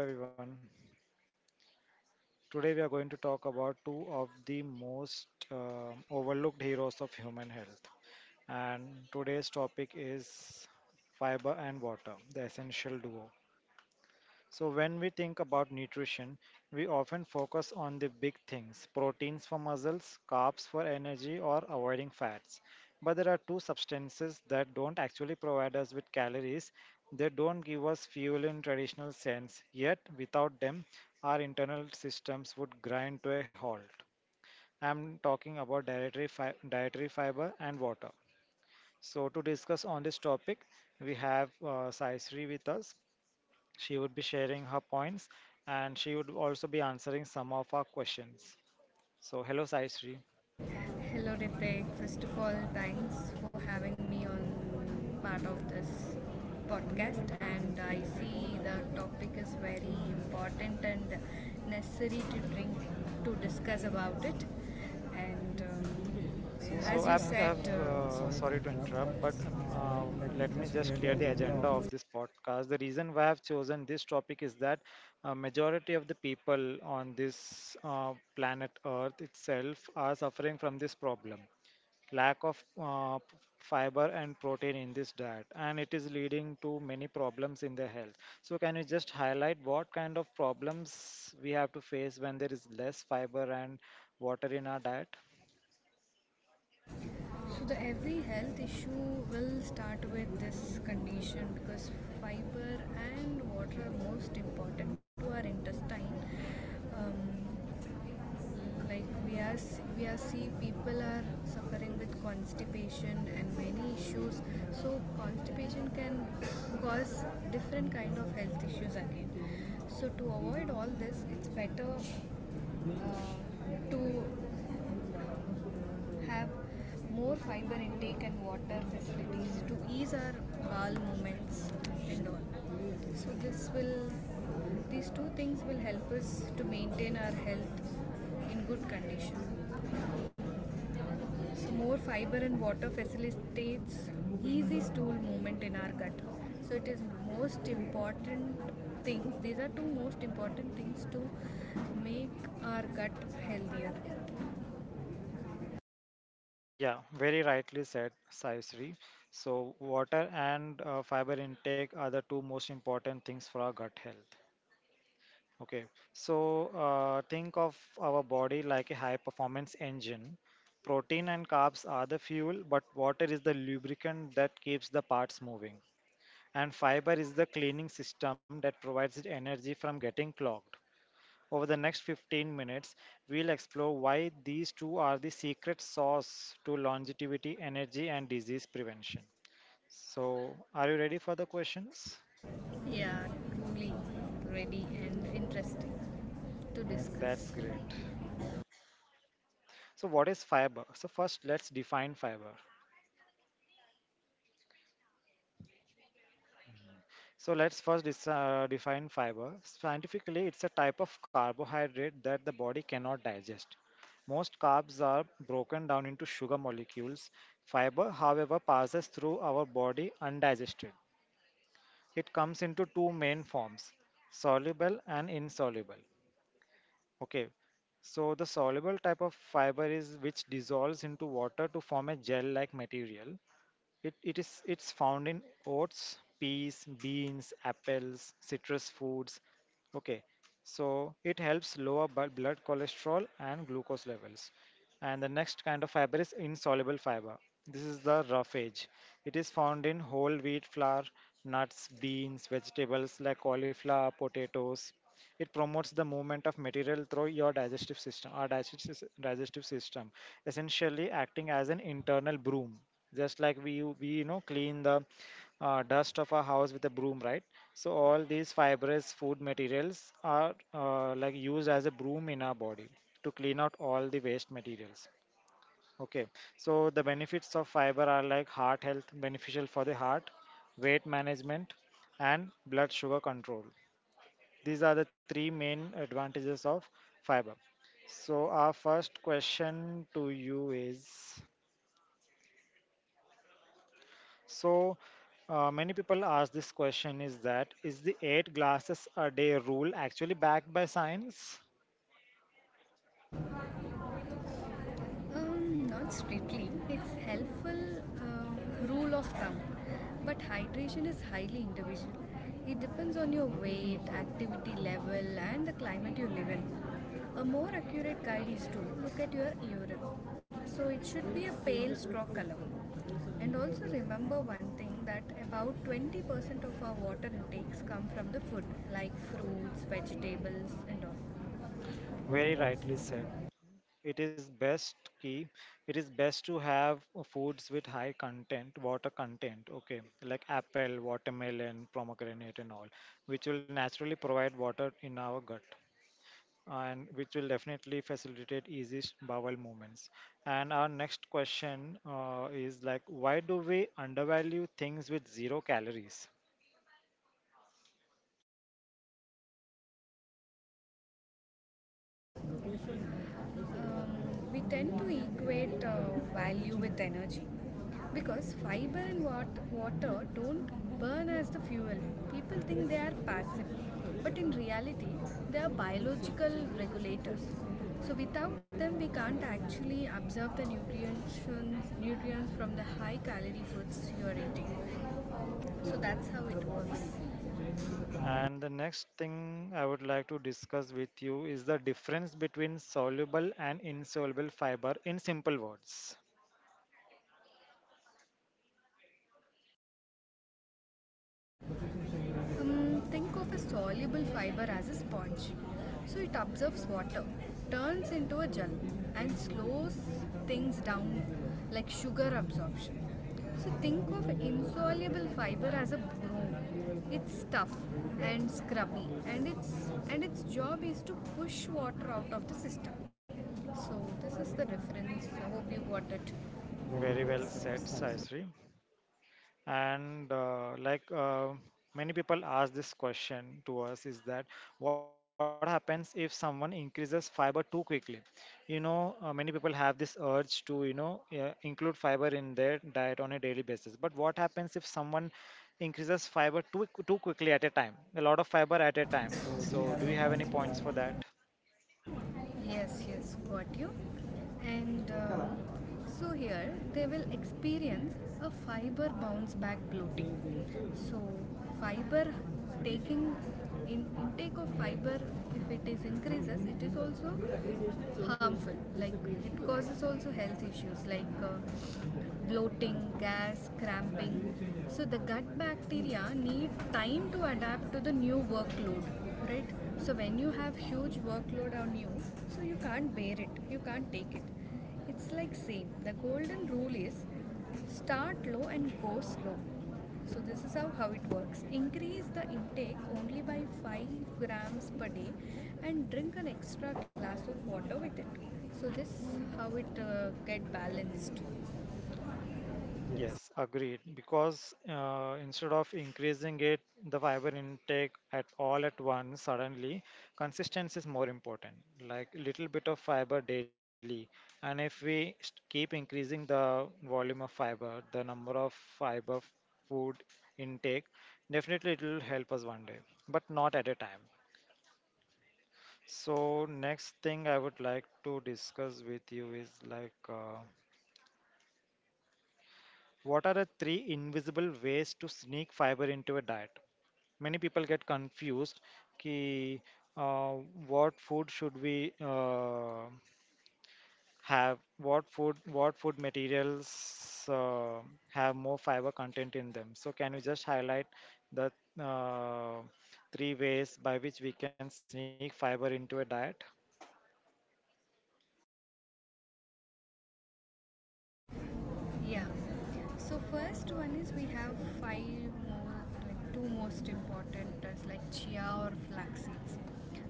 Hello everyone. Today we are going to talk about two of the most overlooked heroes of human health. And today's topic is fiber and water, the essential duo. So, when we think about nutrition, we often focus on the big things proteins for muscles, carbs for energy, or avoiding fats. But there are two substances that don't actually provide us with calories. They don't give us fuel in traditional sense, yet, without them, our internal systems would grind to a halt. I'm talking about dietary fiber and water. So, to discuss on this topic, we have Sai Sri with us. She would be sharing her points and she would also be answering some of our questions. So, hello, Sai Sri. Hello Ritik. First of all, thanks for having me on part of this podcast. And I see the topic is very important and necessary to bring to discuss about it. And So as you said, I've sorry to Sorry to interrupt, interrupt, but but uh, let me let me just just clear the clear the agenda of agenda this. of this podcast. The reason why I've chosen this topic is that majority of the people on this planet Earth itself are suffering from this problem, lack of fiber and protein in this diet, and it is leading to many problems in their health. So can you just highlight what kind of problems we have to face when there is less fiber and water in our diet? So the every health issue will start with this condition because fiber and water are most important to our intestine. Um, like we are see people are suffering with constipation and many issues. So constipation can cause different kind of health issues again. So to avoid all this, it's better to have more fiber intake and water facilities to ease our bowel movements and all. So this will these two things will help us to maintain our health in good condition. So more fiber and water facilitates easy stool movement in our gut. So it is most important things. These are two most important things to make our gut healthier. Yeah, very rightly said, Sai Sri. So, water and fiber intake are the two most important things for our gut health. Okay, so think of our body like a high performance engine. Protein and carbs are the fuel, but water is the lubricant that keeps the parts moving. And fiber is the cleaning system that provides it energy from getting clogged. Over the next 15 minutes, we'll explore why these two are the secret sauce to longevity, energy, and disease prevention. So, are you ready for the questions? Yeah, truly ready and interesting to That's discuss. great. So, what is fiber? So, first, let's define fiber. So, let's first define fiber. Scientifically, it's a type of carbohydrate that the body cannot digest. Most carbs are broken down into sugar molecules. Fiber, however, passes through our body undigested. It comes into two main forms, soluble and insoluble. Okay, so the soluble type of fiber is which dissolves into water to form a gel like material. It's found in oats, peas, beans, apples, citrus foods. Okay, so it helps lower blood cholesterol and glucose levels. And the next kind of fiber is insoluble fiber. This is the roughage. It is found in whole wheat flour, nuts, beans, vegetables like cauliflower, potatoes. It promotes the movement of material through your digestive system, our digestive system, essentially acting as an internal broom, just like we we clean the dust of our house with a broom, right? So all these fibrous food materials are like used as a broom in our body to clean out all the waste materials. Okay, so the benefits of fiber are like heart health, beneficial for the heart, weight management, and blood sugar control. These are the three main advantages of fiber. So our first question to you is, so, many people ask this question is that, is the eight glasses a day rule actually backed by science? Not strictly. It's helpful, um, rule of thumb. But hydration is highly individual. It depends on your weight, activity level, and the climate you live in. A more accurate guide is to look at your urine. So it should be a pale straw color. And also remember one thing that about 20% of our water intakes come from the food, like fruits, vegetables, and all. Very Very rightly said. nice. It is best key. It is best to have foods with high content, water content, okay, like apple, watermelon, pomegranate, and all, which will naturally provide water in our gut, and which will definitely facilitate easy bowel movements. And our next question is like, why do we undervalue things with zero calories? We tend to equate value with energy because fiber and water don't burn as the fuel. People think they are passive, but in reality, they are biological regulators. So without them, we can't actually absorb the nutrients from the high calorie foods you are eating. So that's how it works. And the next thing I would like to discuss with you is the difference between soluble and insoluble fiber in simple words. Think of a soluble fiber as a sponge. So it absorbs water, turns into a gel, and slows things down like sugar absorption. So think of insoluble fiber as a broom. It's tough and scrubby, and its job is to push water out of the system. So this is the reference. I hope you got it. Very, Very very well said, substantial. Saisri. And many people ask this question to us is that, what happens if someone increases fiber too quickly? You know, many people have this urge to, you know, include fiber in their diet on a daily basis. But what happens if someone increases fiber too quickly at a time? A lot of fiber at a time. Do you So, have do you any have any points for points that? for that? Yes, yes, got you. And so here they will experience a fiber bounce back bloating. So fiber taking in intake of fiber if it is increases it is also harmful, like it causes also health issues like bloating, gas, cramping. So the gut bacteria need time to adapt to the new workload, right? So when you have huge workload on you, so you can't bear it, you can't take it. It's like same. The golden rule is start low and go slow. So this is how it works. Increase the intake only by 5 grams per day and drink an extra glass of water with it. So this how it get balanced. Yes. Yes, agreed. Because instead of increasing it, the fiber intake at all at once, suddenly, consistency is more important. Like little bit of fiber daily, and if we keep increasing the volume of fiber, the number of food intake, definitely it will help us one day, but not at a time. So next thing I would like to discuss with you is like. What are the three invisible ways to sneak fiber into a diet? Many people get confused कि, uh, what food should we have? What food materials have more fiber content in them? So can you just highlight the uh, three ways by which we can sneak fiber into a diet? Yeah. So first one is we have five more like two most important as like chia or flax seeds.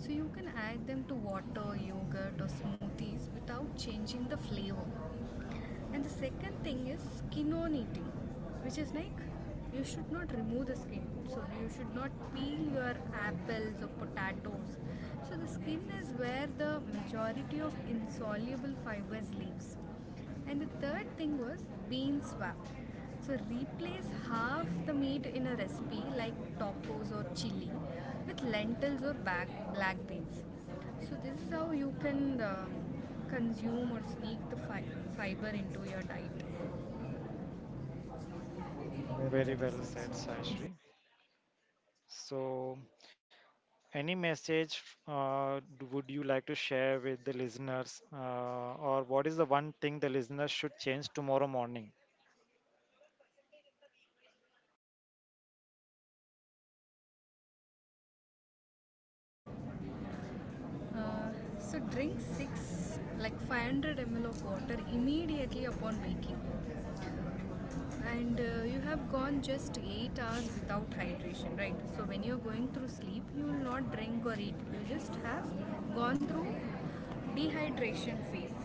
So you can add them to water, yogurt or smoothies without changing the flavor. And the second thing is skin on eating, which is like you should not remove the skin. So you should not peel your apples or potatoes. So the skin is where the majority of insoluble fibers lives. And the third thing was bean swap. So replace half the meat in a recipe like tacos or chili with lentils or black beans. So this is how you can consume or sneak the fiber into your diet. Very Very well well said, said. Saishri. So, any message would you like to share with the listeners, or what is the one thing the listeners should change tomorrow morning? Uh, so drink 6, like 500 ml of water immediately upon waking. And you have gone just 8 hours without hydration, right? So when you're going through sleep, you will not drink or eat. You just have gone through dehydration phase.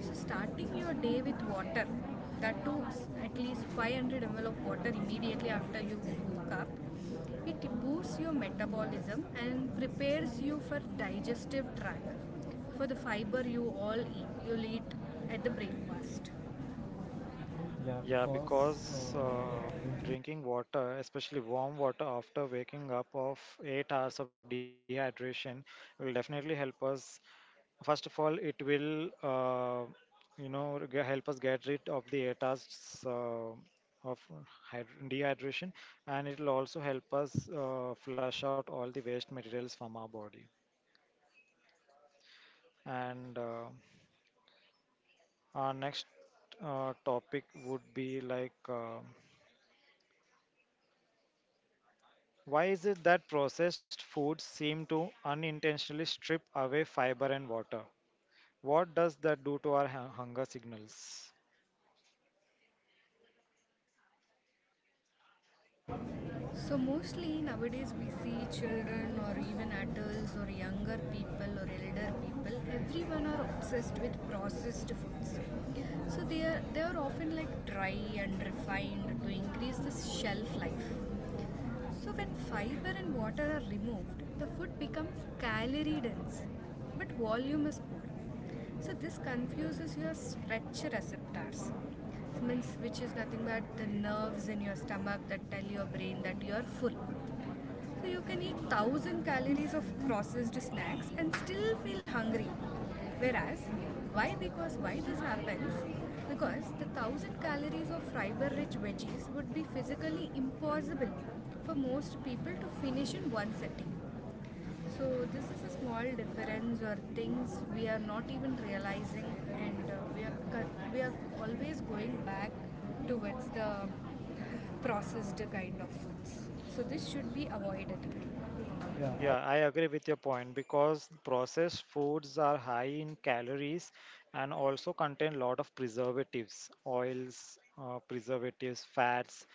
So starting your day with water, that too at least 500 ml of water immediately after you woke up. It boosts your metabolism and prepares you for digestive tract for the fiber. You'll eat at the breakfast. Yeah, Yeah, because um, because drinking water, especially warm water after waking up of 8 hours of dehydration, will definitely help us. First of all, it will, you know, help us get rid of the 8 hours of dehydration, and it will also help us flush out all the waste materials from our body. And our next topic would be like. Why is it that processed foods seem to unintentionally strip away fiber and water? What does that do to our hunger signals? so mostly nowadays we see children or even adults or younger people or elder people, everyone are obsessed with processed foods. So they are often like dry and refined to increase the shelf life. So when fiber and water are removed, the food becomes calorie dense, but volume is poor. So this confuses your stretch receptors, means which is nothing but the nerves in your stomach that tell your brain that you are full. So you can eat 1,000 calories of processed snacks and still feel hungry. Whereas, why? Because why this happens? Because the 1,000 calories of fiber rich veggies would be physically impossible for most people to finish in one sitting. So, this is a small difference or things we are not even realizing, and we are always going back towards the processed kind of foods. So this should be avoided. Yeah. Yeah, I agree with your point because processed foods are high in calories and also contain a lot of preservatives, oils, fats,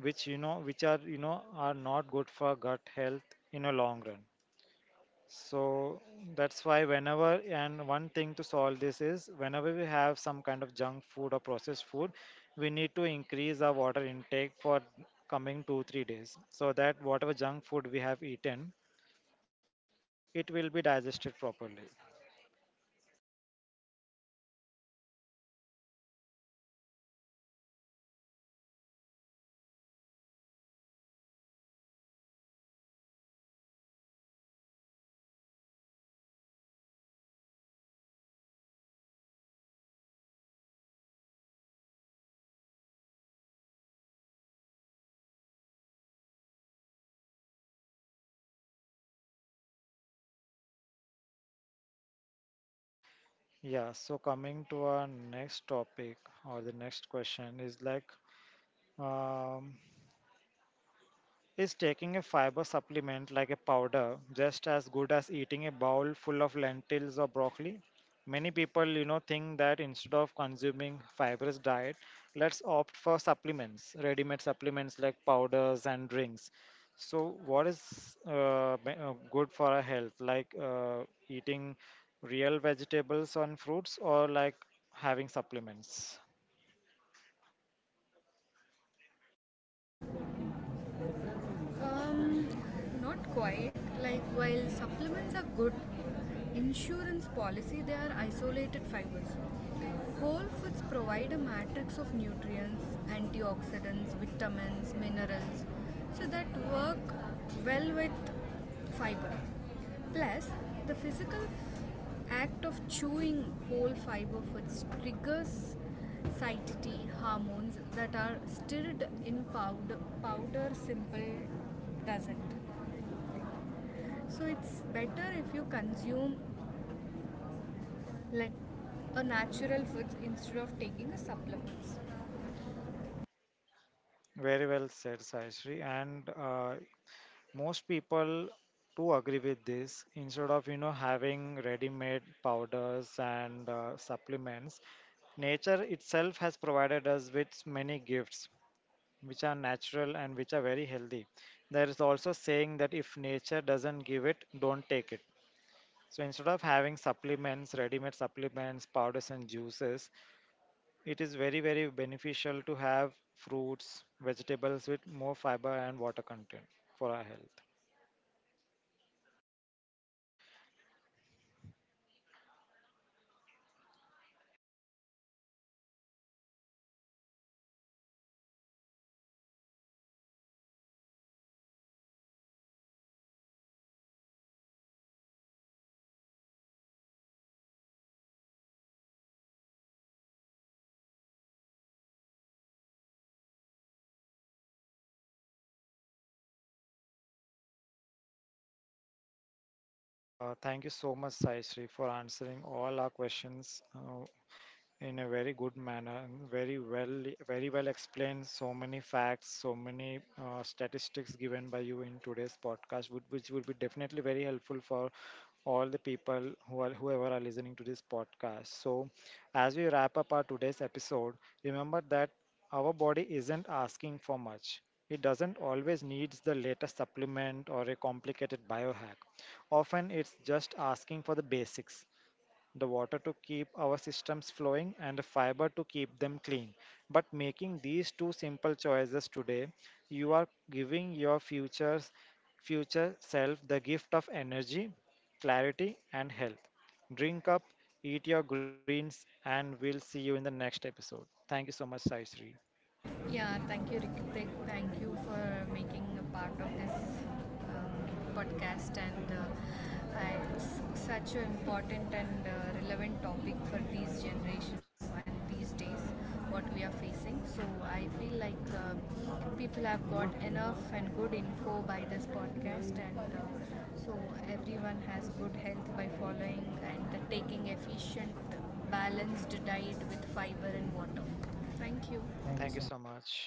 which you know, are not good for gut health in a long run. So that's why whenever, and one thing to solve this is whenever we have some kind of junk food or processed food, we need to increase our water intake for coming two, 3 days so that whatever junk food we have eaten, it will be digested properly. Yeah, so coming to our next topic or the next question is like, um, is taking a fiber supplement like a powder just as good as eating a bowl full of lentils or broccoli? Many people, you know, think that instead of consuming fibrous diet, let's opt for supplements, ready-made supplements like powders and drinks. So, what is good for our health, like eating real vegetables and fruits, or like having supplements? Um, not quite. Like while supplements are good, insurance policy, they are isolated fibers. Whole foods provide a matrix of nutrients, antioxidants, vitamins, minerals, so that work well with fiber. Plus, the physical act of chewing whole fiber foods triggers satiety hormones that are stirred in powder simple doesn't. So it's better if you consume let a natural food instead of taking a supplements. Very well said, Sayashree. And most people do agree with this, instead of you know having ready-made powders and supplements. Nature itself has provided us with many gifts which are natural and which are very healthy. There is also saying that if nature doesn't give it, don't take it. So instead of having supplements, ready-made supplements, powders and juices, it is very very beneficial to have fruits, vegetables with more fiber and water content for our health. Thank you so much, Sai Sri, for answering all our questions. In a very good manner, very well explained. So many facts, so many statistics given by you in today's podcast, which would be definitely very helpful for all the people who are whoever are listening to this podcast. So, as we wrap up our today's episode, remember that our body isn't asking for much. It doesn't always needs the latest supplement or a complicated biohack. Often it's just asking for the basics, the water to keep our systems flowing, and the fiber to keep them clean. But making these two simple choices today, you are giving your future self the gift of energy, clarity, and health. Drink up, eat your greens, and we'll see you in the next episode. Thank you so much, Sai Sri. Yeah, thank you, Rikitik. Thank you for making a part of this podcast. And it's such an important and relevant topic for these generation and these days what we are facing. So I feel like people have got enough and good info by this podcast, and so everyone has good health by following and taking efficient, balanced diet with fiber and water. Thank you. Thank Thank you you so so much.